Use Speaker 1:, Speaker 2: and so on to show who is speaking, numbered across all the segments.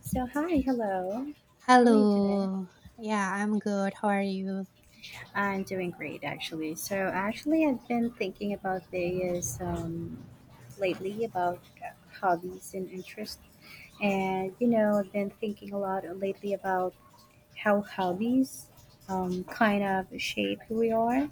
Speaker 1: So, hi, hello. How are you today?
Speaker 2: Hello. Yeah, I'm good. How are you?
Speaker 1: I'm doing great, actually. So, actually, I've been thinking about Vegas lately about hobbies and interests. And, I've been thinking a lot lately about how hobbies kind of shape who we are.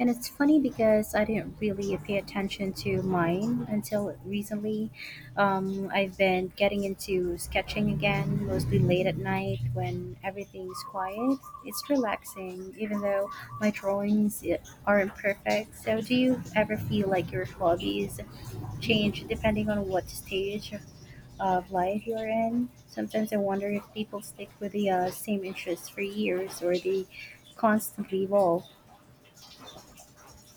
Speaker 1: And it's funny because I didn't really pay attention to mine until recently. I've been getting into sketching again, mostly late at night when everything's quiet. It's relaxing, even though my drawings aren't perfect. So, do you ever feel like your hobbies change depending on what stage of life you're in? Sometimes I wonder if people stick with the same interests for years or they constantly evolve.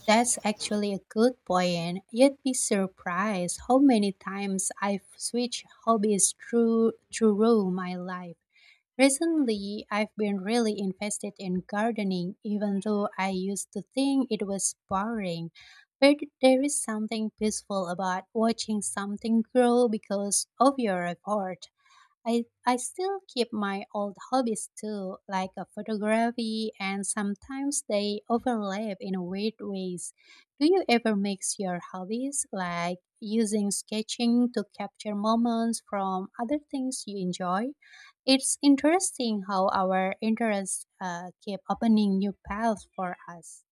Speaker 2: That's actually a good point. You'd be surprised how many times I've switched hobbies through my life. Recently, I've been really invested in gardening, even though I used to think it was boring. But there is something peaceful about watching something grow because of your effort. I still keep my old hobbies too, like photography, and sometimes they overlap in weird ways. Do you ever mix your hobbies, like using sketching to capture moments from other things you enjoy? It's interesting how our interests keep opening new paths for us.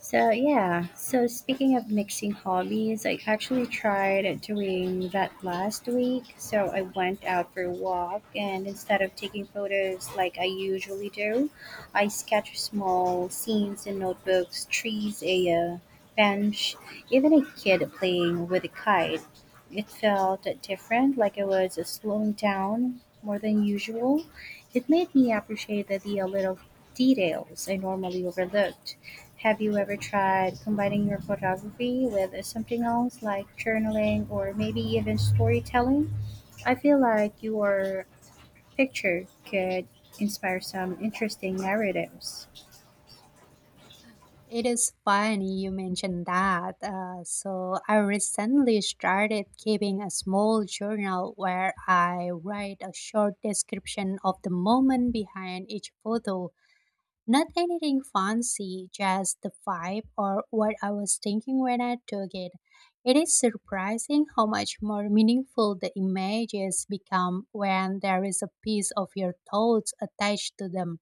Speaker 1: So yeah, so speaking of mixing hobbies, I actually tried doing that last week. So I went out for a walk and instead of taking photos like I usually do, I sketch small scenes in notebooks, trees, a bench, even a kid playing with a kite. It felt different, like I was slowing down more than usual. It made me appreciate the little details I normally overlooked. Have you ever tried combining your photography with something else like journaling or maybe even storytelling? I feel like your picture could inspire some interesting narratives.
Speaker 2: It is funny you mentioned that. So, I recently started keeping a small journal where I write a short description of the moment behind each photo. Not anything fancy, just the vibe or what I was thinking when I took it. It is surprising how much more meaningful the images become when there is a piece of your thoughts attached to them.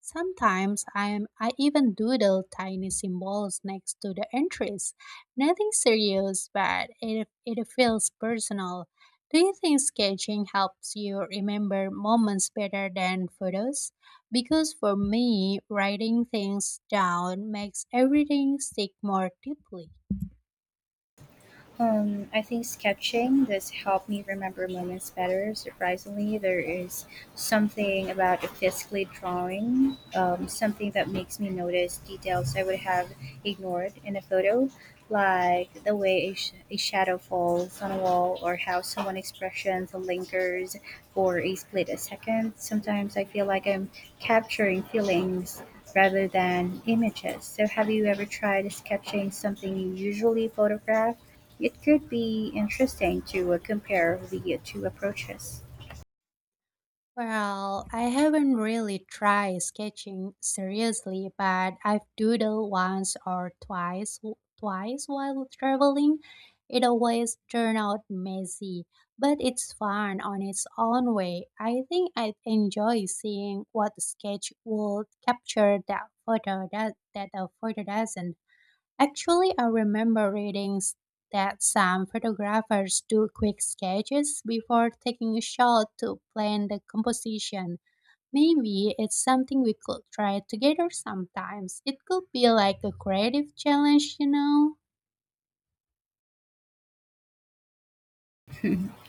Speaker 2: Sometimes I even doodle tiny symbols next to the entries. Nothing serious, but it feels personal. Do you think sketching helps you remember moments better than photos? Because for me, writing things down makes everything stick more deeply.
Speaker 1: I think sketching does help me remember moments better. Surprisingly, there is something about a physically drawing, something that makes me notice details I would have ignored in a photo, like the way a shadow falls on a wall or how someone's expression lingers for a split a second. Sometimes I feel like I'm capturing feelings rather than images. So, have you ever tried sketching something you usually photograph? It could be interesting to compare the two approaches.
Speaker 2: Well, I haven't really tried sketching seriously, but I've doodled once or twice while traveling. It always turned out messy, but it's fun on its own way. I think I'd enjoy seeing what the sketch would capture that that a photo doesn't. Actually, I remember that some photographers do quick sketches before taking a shot to plan the composition. Maybe it's something we could try together sometimes. It could be like a creative challenge, you know?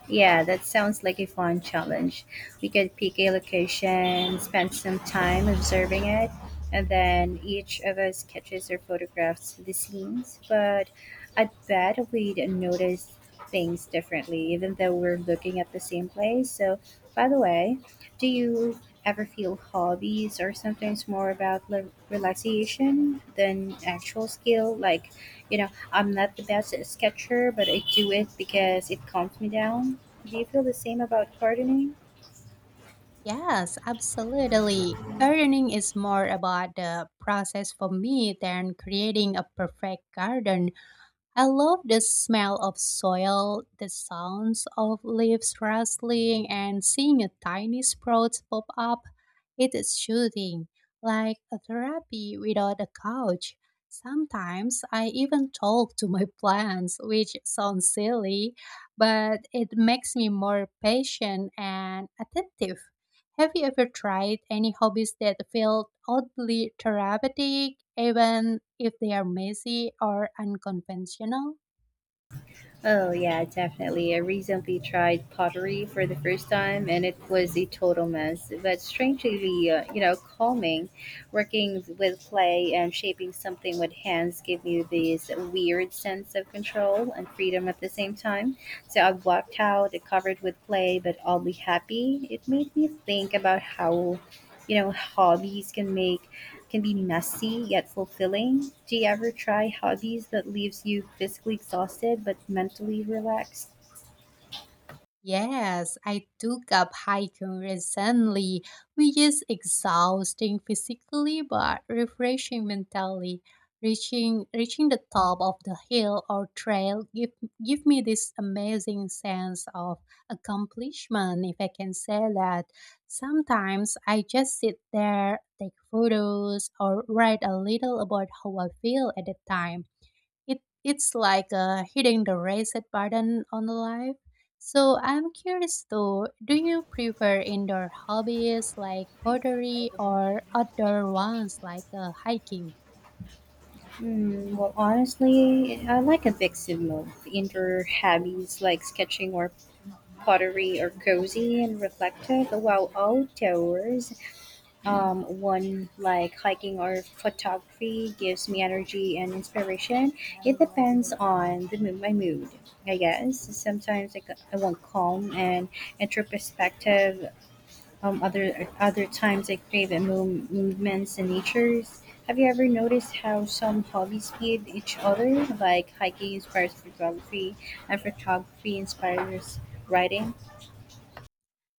Speaker 1: Yeah, that sounds like a fun challenge. We could pick a location, spend some time observing it, and then each of us sketches or photographs the scenes. But I bet we'd notice things differently, even though we're looking at the same place. So, by the way, do you ever feel hobbies are sometimes more about realization than actual skill? Like, I'm not the best sketcher, but I do it because it calms me down. Do you feel the same about gardening?
Speaker 2: Yes, absolutely. Gardening is more about the process for me than creating a perfect garden. I love the smell of soil, the sounds of leaves rustling, and seeing a tiny sprout pop up. It is soothing, like a therapy without a couch. Sometimes I even talk to my plants, which sounds silly, but it makes me more patient and attentive. Have you ever tried any hobbies that felt oddly therapeutic, even if they are messy or unconventional?
Speaker 1: Oh yeah, definitely. I recently tried pottery for the first time, and it was a total mess, but strangely, calming. Working with clay and shaping something with hands give you this weird sense of control and freedom at the same time. So I walked out covered with clay, but oddly happy. It made me think about how, hobbies can be messy yet fulfilling. Do you ever try hobbies that leaves you physically exhausted but mentally relaxed?
Speaker 2: Yes, I took up hiking recently, which is exhausting physically but refreshing mentally. Reaching the top of the hill or trail give me this amazing sense of accomplishment, if I can say that. Sometimes I just sit there, take photos, or write a little about how I feel at the time. It's like hitting the reset button on life. So I'm curious though, do you prefer indoor hobbies like pottery or outdoor ones like hiking?
Speaker 1: Hmm, well, honestly, I like a mix of both. Indoor hobbies like sketching or pottery are cozy and reflective, while outdoors, one like hiking or photography gives me energy and inspiration. It depends on the mood, my mood, I guess. Sometimes I want calm and introspective. Other times I crave at movements and natures. Have you ever noticed how some hobbies feed each other? Like hiking inspires photography, and photography inspires writing.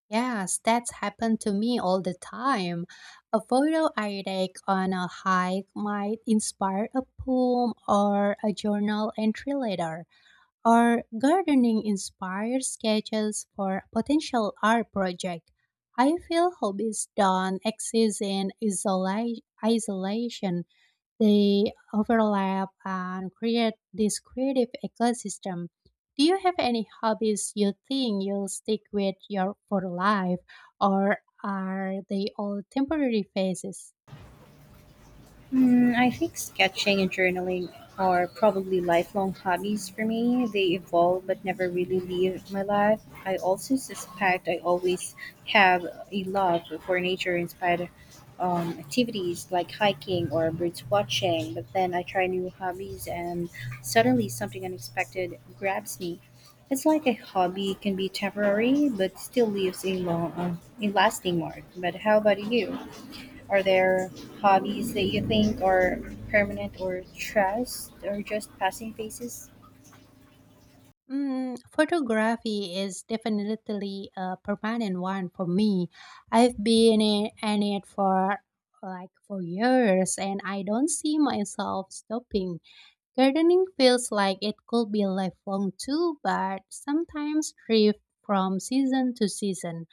Speaker 2: Yes, that's happened to me all the time. A photo I take on a hike might inspire a poem or a journal entry later. Or gardening inspired sketches for a potential art project. I feel hobbies don't exist in isolation. They overlap and create this creative ecosystem. Do you have any hobbies you think you'll stick with your for life, or are they all temporary phases?
Speaker 1: Mm, I think sketching and journaling are probably lifelong hobbies for me. They evolve but never really leave my life. I also suspect I always have a love for nature inspired activities like hiking or birds watching, but then I try new hobbies and suddenly something unexpected grabs me. It's like a hobby can be temporary but still leaves a lasting mark. But how about you? Are there hobbies that you think are permanent or trust or just passing phases?
Speaker 2: Mm, photography is definitely a permanent one for me. I've been in it for for years and I don't see myself stopping. Gardening feels like it could be lifelong too, but sometimes drift from season to season.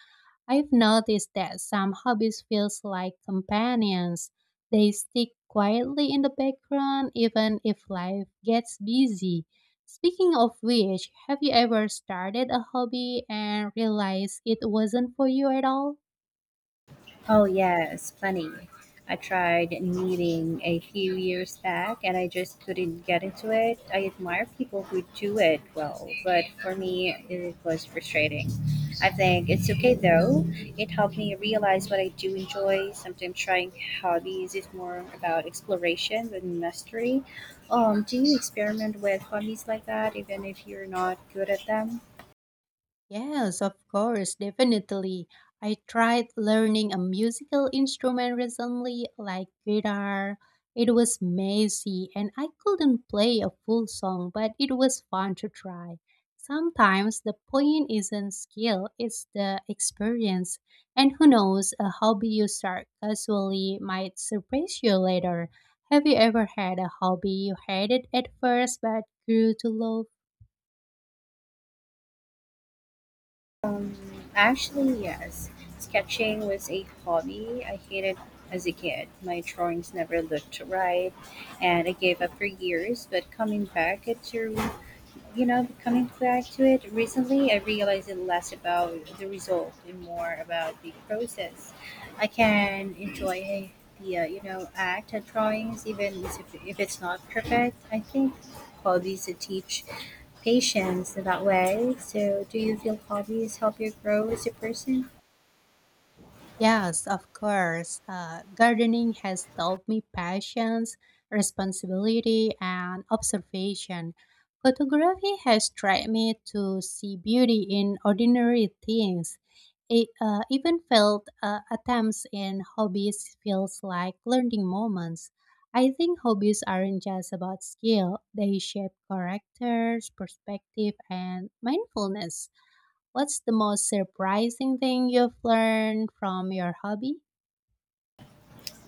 Speaker 2: I've noticed that some hobbies feels like companions. They stick quietly in the background even if life gets busy. Speaking of which, have you ever started a hobby and realized it wasn't for you at all?
Speaker 1: Oh, yes, planning. I tried knitting a few years back and I just couldn't get into it. I admire people who do it well, but for me, it was frustrating. I think it's okay though. It helped me realize what I do enjoy. Sometimes trying hobbies is more about exploration than mastery. Do you experiment with hobbies like that, even if you're not good at them?
Speaker 2: Yes, of course, definitely. I tried learning a musical instrument recently, like guitar. It was messy and I couldn't play a full song, but it was fun to try. Sometimes the point isn't skill, it's the experience. And who knows, a hobby you start casually might surprise you later. Have you ever had a hobby you hated at first but grew to love?
Speaker 1: Um, actually, yes. Sketching was a hobby I hated as a kid. My drawings never looked right, and I gave up for years, but coming back, it really you know, coming back to it recently, I realized it less about the result and more about the process. I can enjoy the, act of drawings even if it's not perfect. I think hobbies that teach patience in that way. So, do you feel hobbies help you grow as a person?
Speaker 2: Yes, of course. Gardening has taught me patience, responsibility, and observation. Photography has taught me to see beauty in ordinary things. Even failed attempts in hobbies feels like learning moments. I think hobbies aren't just about skill; they shape characters, perspective, and mindfulness. What's the most surprising thing you've learned from your hobby?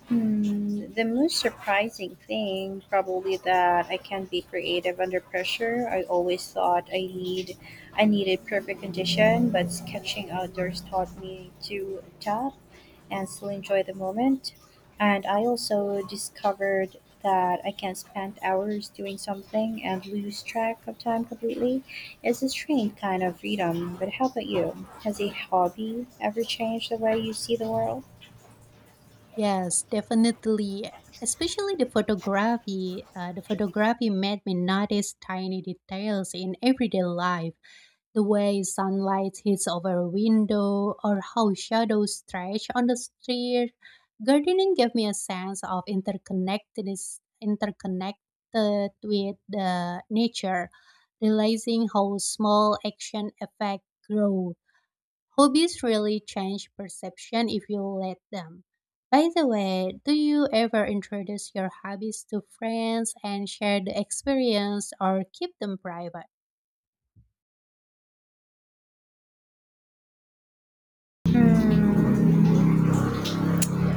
Speaker 1: Hmm, the most surprising thing, probably that I can be creative under pressure. I always thought I needed perfect condition, but sketching outdoors taught me to adapt and still enjoy the moment. And I also discovered that I can spend hours doing something and lose track of time completely. It's a strange kind of freedom. But how about you? Has a hobby ever changed the way you see the world?
Speaker 2: Yes, definitely. Especially the photography. The photography made me notice tiny details in everyday life. The way sunlight hits over a window or how shadows stretch on the street. Gardening gave me a sense of interconnected with the nature, realizing how small action affect growth. Hobbies really change perception if you let them. By the way, do you ever introduce your hobbies to friends and share the experience or keep them private?
Speaker 1: Hmm.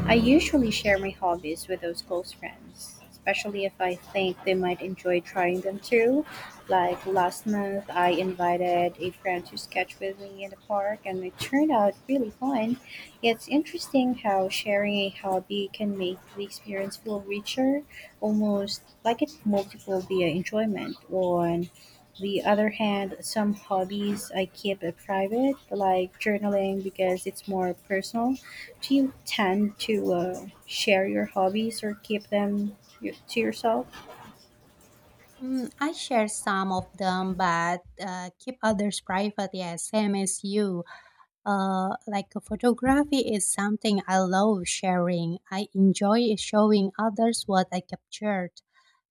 Speaker 1: I usually share my hobbies with those close friends, especially if I think they might enjoy trying them too. Like last month, I invited a friend to sketch with me in the park, and it turned out really fun. It's interesting how sharing a hobby can make the experience feel richer, almost like it multiple via enjoyment. On the other hand, some hobbies I keep it private, like journaling, because it's more personal. Do you tend to share your hobbies or keep them to yourself?
Speaker 2: Mm, I share some of them, but keep others private. Yeah, same as you. Like photography is something I love sharing. I enjoy showing others what I captured.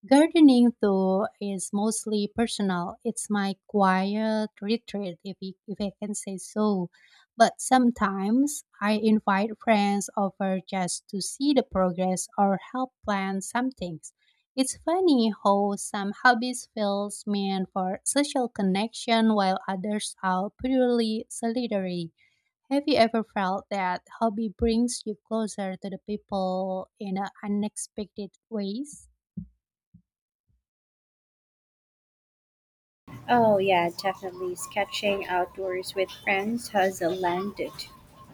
Speaker 2: Gardening, though, is mostly personal. It's my quiet retreat, if I can say so. But sometimes I invite friends over just to see the progress or help plan some things. It's funny how some hobbies feels meant for social connection while others are purely solitary. Have you ever felt that hobby brings you closer to the people in a unexpected ways?
Speaker 1: Oh yeah, definitely. Sketching outdoors with friends has landed,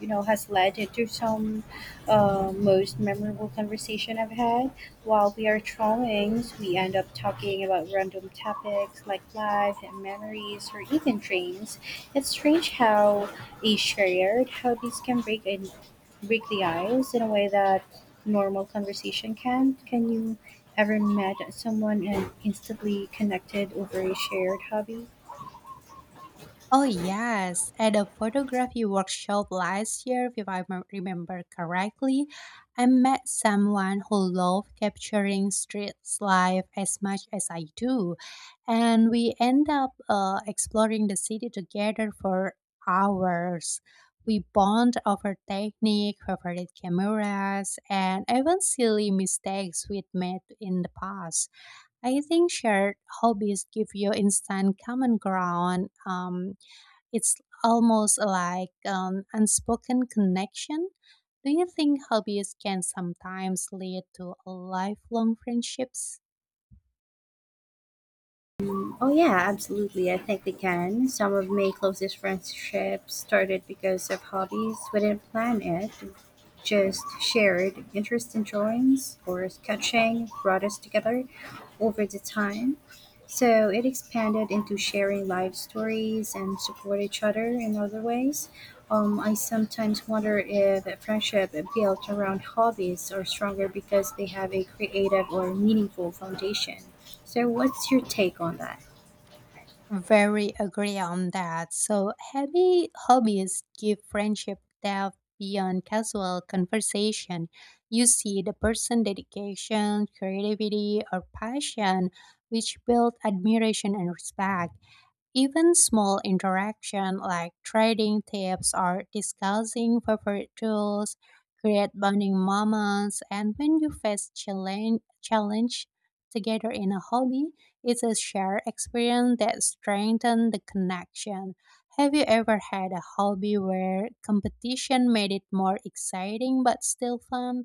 Speaker 1: you know, has led to some most memorable conversation I've had. While we are drawing, we end up talking about random topics like life and memories, or even dreams. It's strange how a shared hobbies can break the ice in a way that normal conversation can. Can you ever met someone and instantly connected over a shared hobby?
Speaker 2: Oh, yes. At a photography workshop last year, if I m- remember correctly, I met someone who loved capturing street life as much as I do. And we end up exploring the city together for hours. We bond over technique, favorite cameras, and even silly mistakes we'd made in the past. I think shared hobbies give you instant common ground. It's almost like an unspoken connection. Do you think hobbies can sometimes lead to lifelong friendships?
Speaker 1: Oh yeah, absolutely. I think they can. Some of my closest friendships started because of hobbies. We didn't plan it. Just shared interest in drawings or sketching brought us together over the time. So it expanded into sharing life stories and support each other in other ways. I sometimes wonder if a friendship built around hobbies are stronger because they have a creative or meaningful foundation. So, what's your take on that?
Speaker 2: Very agree on that. So, heavy hobbies give friendship depth beyond casual conversation. You see the person dedication, creativity, or passion, which build admiration and respect. Even small interaction like trading tips or discussing favorite tools create bonding moments. And when you face challenge together in a hobby, it's a shared experience that strengthens the connection. Have you ever had a hobby where competition made it more exciting but still fun?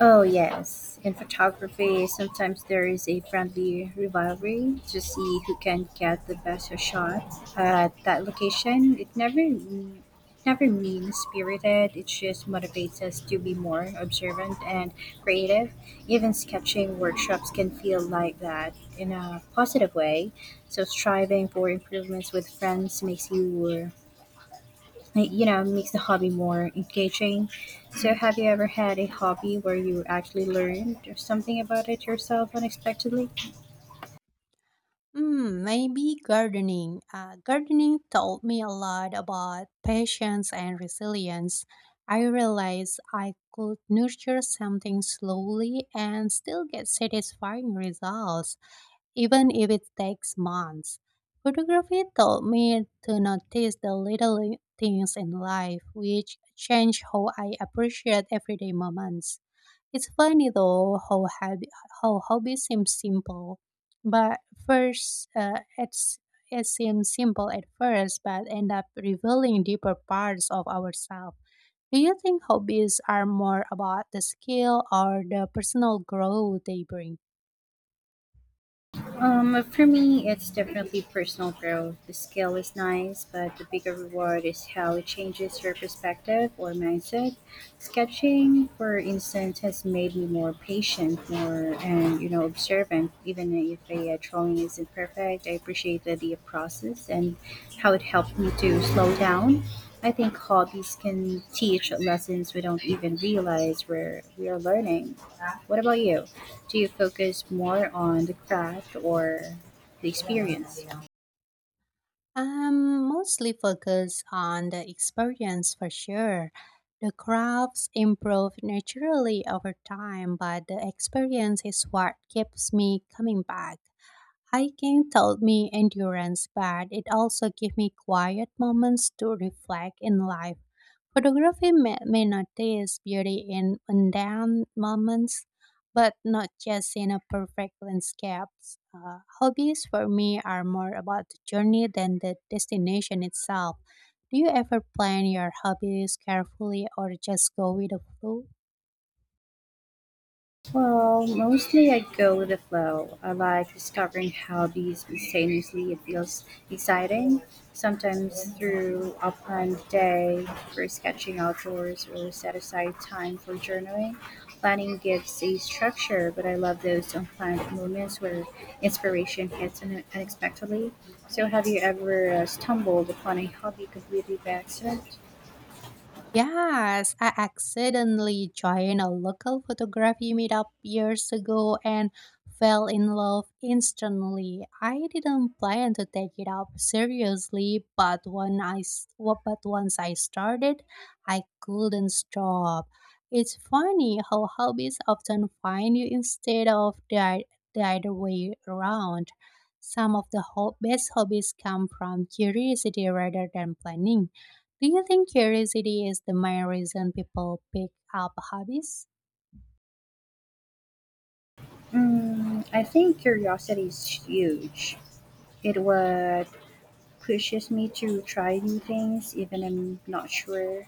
Speaker 1: Oh, yes. In photography, sometimes there is a friendly rivalry to see who can get the best shot at that location. It never mean spirited. It just motivates us to be more observant and creative. Even sketching workshops can feel like that in a positive way. So striving for improvements with friends makes you like, makes the hobby more engaging. So, have you ever had a hobby where you actually learned something about it yourself unexpectedly?
Speaker 2: Hmm, maybe gardening. Gardening taught me a lot about patience and resilience. I realized I could nurture something slowly and still get satisfying results, even if it takes months. Photography taught me to notice the little things in life, which change how I appreciate everyday moments. It's funny though how hobbies seem simple, but first it's it seems simple at first, but end up revealing deeper parts of ourselves. Do you think hobbies are more about the skill or the personal growth they bring?
Speaker 1: For me, it's definitely personal growth. The skill is nice, but the bigger reward is how it changes your perspective or mindset. Sketching, for instance, has made me more patient, more and observant. Even if a drawing isn't perfect, I appreciate the process and how it helped me to slow down. I think hobbies can teach lessons we don't even realize we are learning. What about you? Do you focus more on the craft or the experience?
Speaker 2: I'm mostly focused on the experience for sure. The crafts improve naturally over time, but the experience is what keeps me coming back. Hiking taught me endurance, but it also gave me quiet moments to reflect in life. Photography may notice beauty in mundane moments, but not just in a perfect landscape. Hobbies for me are more about the journey than the destination itself. Do you ever plan your hobbies carefully or just go with the flow?
Speaker 1: Well, mostly I go with the flow. I like discovering hobbies spontaneously. It feels exciting, sometimes through a planned day for sketching outdoors or set aside time for journaling. Planning gives a structure, but I love those unplanned moments where inspiration hits unexpectedly. So, have you ever stumbled upon a hobby completely by accident?
Speaker 2: Yes, I accidentally joined a local photography meetup years ago and fell in love instantly. I didn't plan to take it up seriously, but when I s- wa- but once I started, I couldn't stop. It's funny how hobbies often find you instead of the other way around. Some of the best hobbies come from curiosity rather than planning. Do you think curiosity is the main reason people pick up hobbies?
Speaker 1: Mm, I think curiosity is huge. It was pushes me to try new things even I'm not sure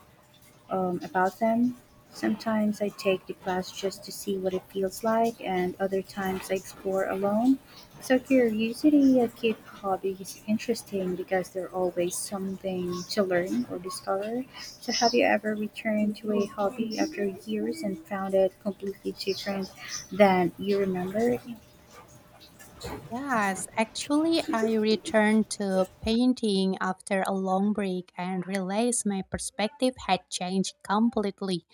Speaker 1: about them. Sometimes I take the class just to see what it feels like, and other times I explore alone. So curiosity keeps hobbies interesting because there's always something to learn or discover. So have you ever returned to a hobby after years and found it completely different than you remembered?
Speaker 2: Yes, actually, I returned to painting after a long break and realized my perspective had changed completely.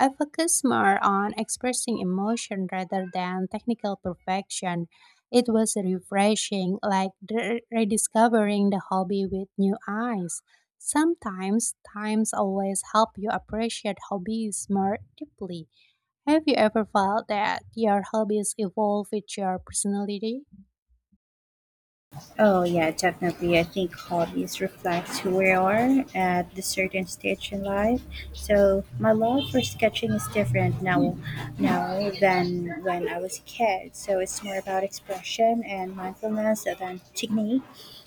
Speaker 2: I focused more on expressing emotion rather than technical perfection. It was refreshing, like rediscovering the hobby with new eyes. Sometimes, times always help you appreciate hobbies more deeply. Have you ever felt that your hobbies evolve with your personality?
Speaker 1: Oh yeah, definitely. I think hobbies reflect who we are at the certain stage in life. So my love for sketching is different now than when I was a kid. So it's more about expression and mindfulness than technique.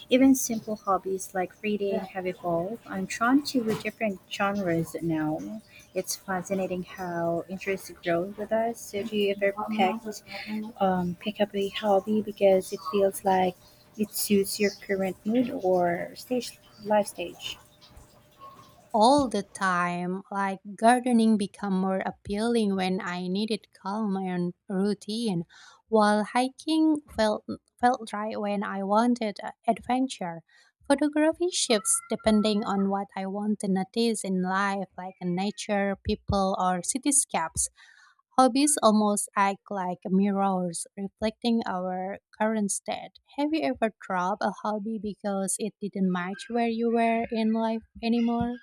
Speaker 1: Even simple hobbies like reading have evolved. I'm drawn to different genres now. It's fascinating how interests grow with us. So do you ever pick up a hobby because it feels like it suits your current mood or stage life stage?
Speaker 2: All the time. Like gardening become more appealing when I needed calm and routine, while hiking felt right when I wanted adventure. Photography shifts depending on what I want to notice in life, like nature, people, or cityscapes. Hobbies almost act like mirrors, reflecting our current state. Have you ever dropped a hobby because it didn't match where you were in life anymore?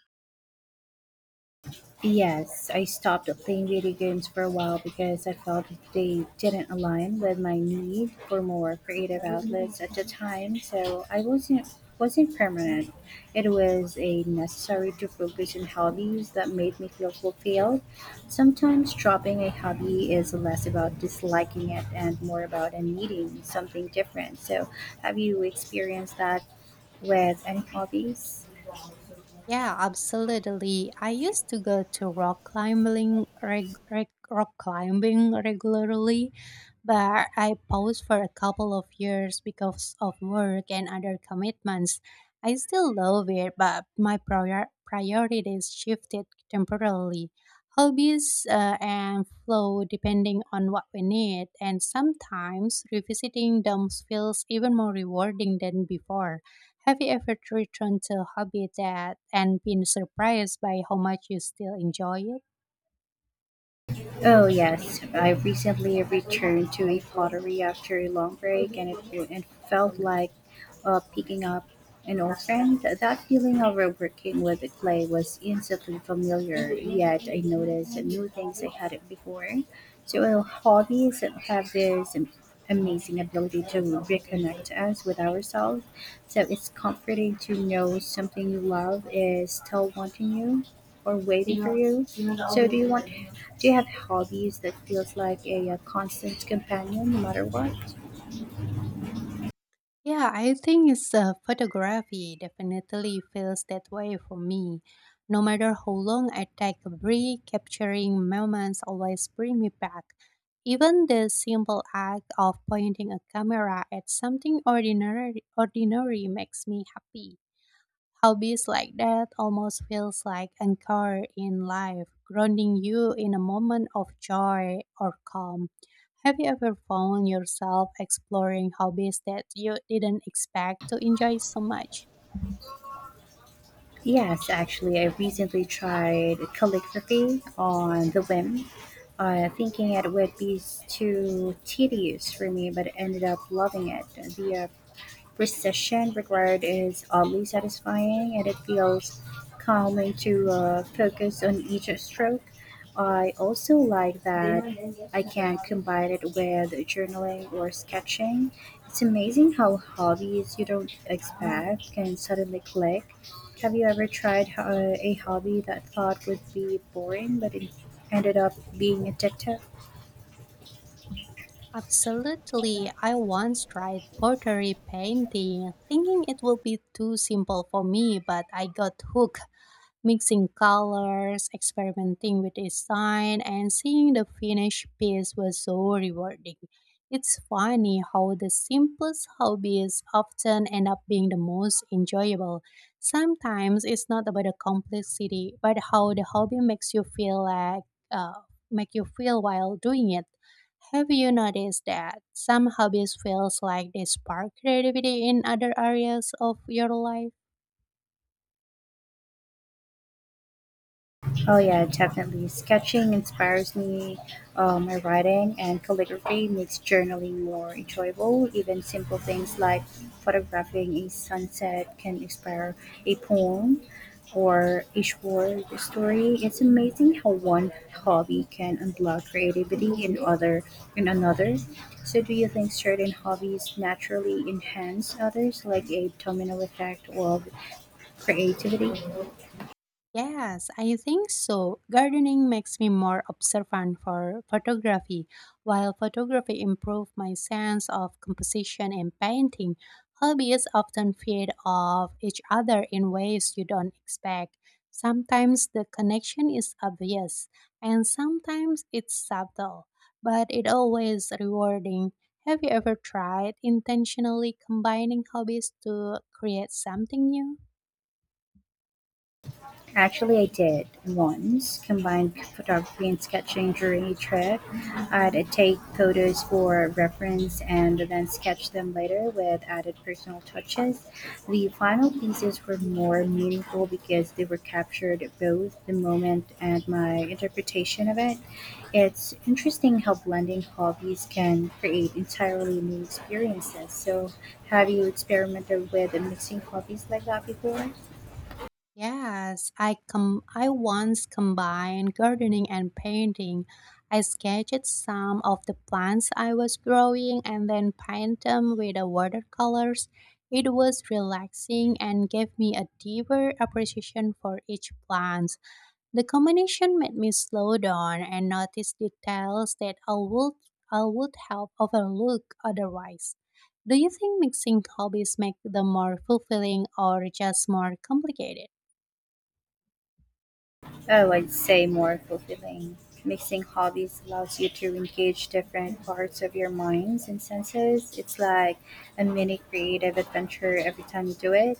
Speaker 1: Yes, I stopped playing video games for a while because I felt they didn't align with my need for more creative outlets at the time. So I wasn't permanent. It was a necessary to focus on hobbies that made me feel fulfilled. Sometimes dropping a hobby is less about disliking it and more about a needing something different. So have you experienced that with any hobbies?
Speaker 2: Yeah, absolutely. I used to go to rock climbing regularly, but I paused for a couple of years because of work and other commitments. I still love it, but my priorities shifted temporarily. Hobbies and flow depending on what we need, and sometimes revisiting them feels even more rewarding than before. Have you ever returned to a hobby that and been surprised by how much you still enjoy it?
Speaker 1: Oh, yes. I recently returned to a pottery after a long break and it felt like picking up an old friend. That feeling of working with the clay was instantly familiar, yet I noticed new things I hadn't before. So, hobbies have this amazing ability to reconnect us with ourselves. So, it's comforting to know something you love is still wanting you or waiting for you. So do you have hobbies that feels like a, constant companion no matter what?
Speaker 2: Yeah, I think it's photography definitely feels that way for me. No matter how long I take a break, capturing moments always bring me back. Even the simple act of pointing a camera at something ordinary makes me happy. Hobbies like that almost feels like anchor in life, grounding you in a moment of joy or calm. Have you ever found yourself exploring hobbies that you didn't expect to enjoy so much?
Speaker 1: Yes, actually, I recently tried calligraphy on the whim, thinking it would be too tedious for me, but ended up loving it. The precision required is oddly satisfying and it feels calming to focus on each stroke. I also like that I can combine it with journaling or sketching. It's amazing how hobbies you don't expect can suddenly click. Have you ever tried a hobby that thought would be boring but it ended up being addictive?
Speaker 2: Absolutely. I once tried pottery painting, thinking it would be too simple for me, but I got hooked. Mixing colors, experimenting with design, and seeing the finished piece was so rewarding. It's funny how the simplest hobbies often end up being the most enjoyable. Sometimes it's not about the complexity, but how the hobby makes you feel like make you feel while doing it. Have you noticed that some hobbies feels like they spark creativity in other areas of your life?
Speaker 1: Oh yeah, definitely. Sketching inspires me, my writing and calligraphy makes journaling more enjoyable. Even simple things like photographing a sunset can inspire a poem or a short story. It's amazing how one hobby can unblock creativity in another. So do you think certain hobbies naturally enhance others like a domino effect of creativity?
Speaker 2: Yes, I think so. Gardening makes me more observant for photography, while photography improves my sense of composition and painting. Hobbies often feed off each other in ways you don't expect. Sometimes the connection is obvious, and sometimes it's subtle, but it always rewarding. Have you ever tried intentionally combining hobbies to create something new?
Speaker 1: Actually, I did once combine photography and sketching during a trip. I'd take photos for reference and then sketch them later with added personal touches. The final pieces were more meaningful because they were captured both the moment and my interpretation of it. It's interesting how blending hobbies can create entirely new experiences. So, have you experimented with mixing hobbies like that before?
Speaker 2: Yes, I once combined gardening and painting. I sketched some of the plants I was growing and then paint them with the watercolors. It was relaxing and gave me a deeper appreciation for each plant. The combination made me slow down and notice details that I would have overlooked otherwise. Do you think mixing hobbies make them more fulfilling or just more complicated?
Speaker 1: Oh, I'd say more fulfilling. Mixing hobbies allows you to engage different parts of your minds and senses. It's like a mini creative adventure every time you do it.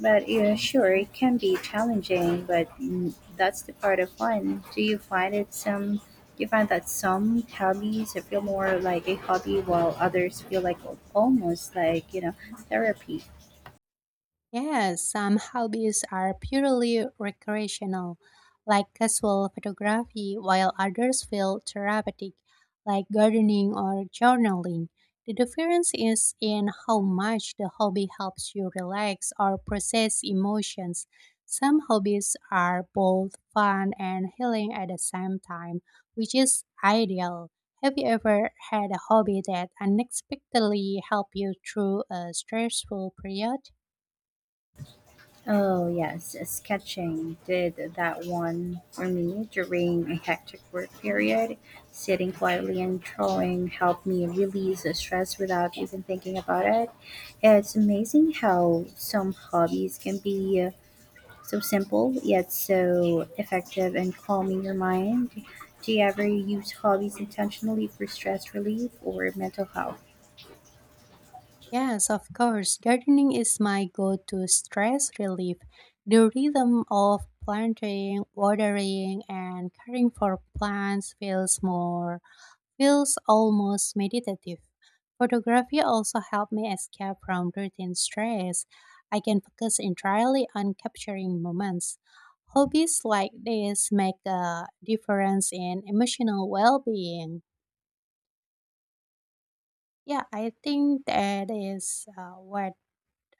Speaker 1: But yeah, sure, it can be challenging, but mm, that's the part of fun. Do you find it some? Do you find that some hobbies feel more like a hobby, while others feel like almost like therapy?
Speaker 2: Yes, some hobbies are purely recreational, like casual photography, while others feel therapeutic, like gardening or journaling. The difference is in how much the hobby helps you relax or process emotions. Some hobbies are both fun and healing at the same time, which is ideal. Have you ever had a hobby that unexpectedly helped you through a stressful period?
Speaker 1: Oh, yes, sketching did that one for me during a hectic work period. Sitting quietly and drawing helped me release the stress without even thinking about it. It's amazing how some hobbies can be so simple yet so effective in calming your mind. Do you ever use hobbies intentionally for stress relief or mental health?
Speaker 2: Yes, of course. Gardening is my go to stress relief. The rhythm of planting, watering, and caring for plants feels almost meditative. Photography also helped me escape from routine stress. I can focus entirely on capturing moments. Hobbies like this make a difference in emotional well being. Yeah, I think that is what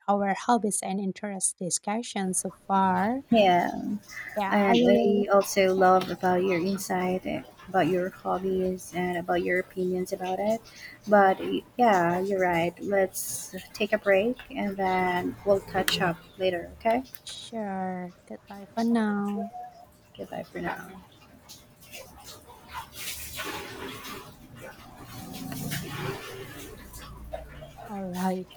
Speaker 2: our hobbies and interest discussion so far.
Speaker 1: Yeah.
Speaker 2: Yeah, I
Speaker 1: And
Speaker 2: really
Speaker 1: I also love about your insight about your hobbies and about your opinions about it. But yeah, you're right. Let's take a break and then we'll catch up later, okay?
Speaker 2: sure. Goodbye for now.
Speaker 1: Goodbye for now.
Speaker 2: All right.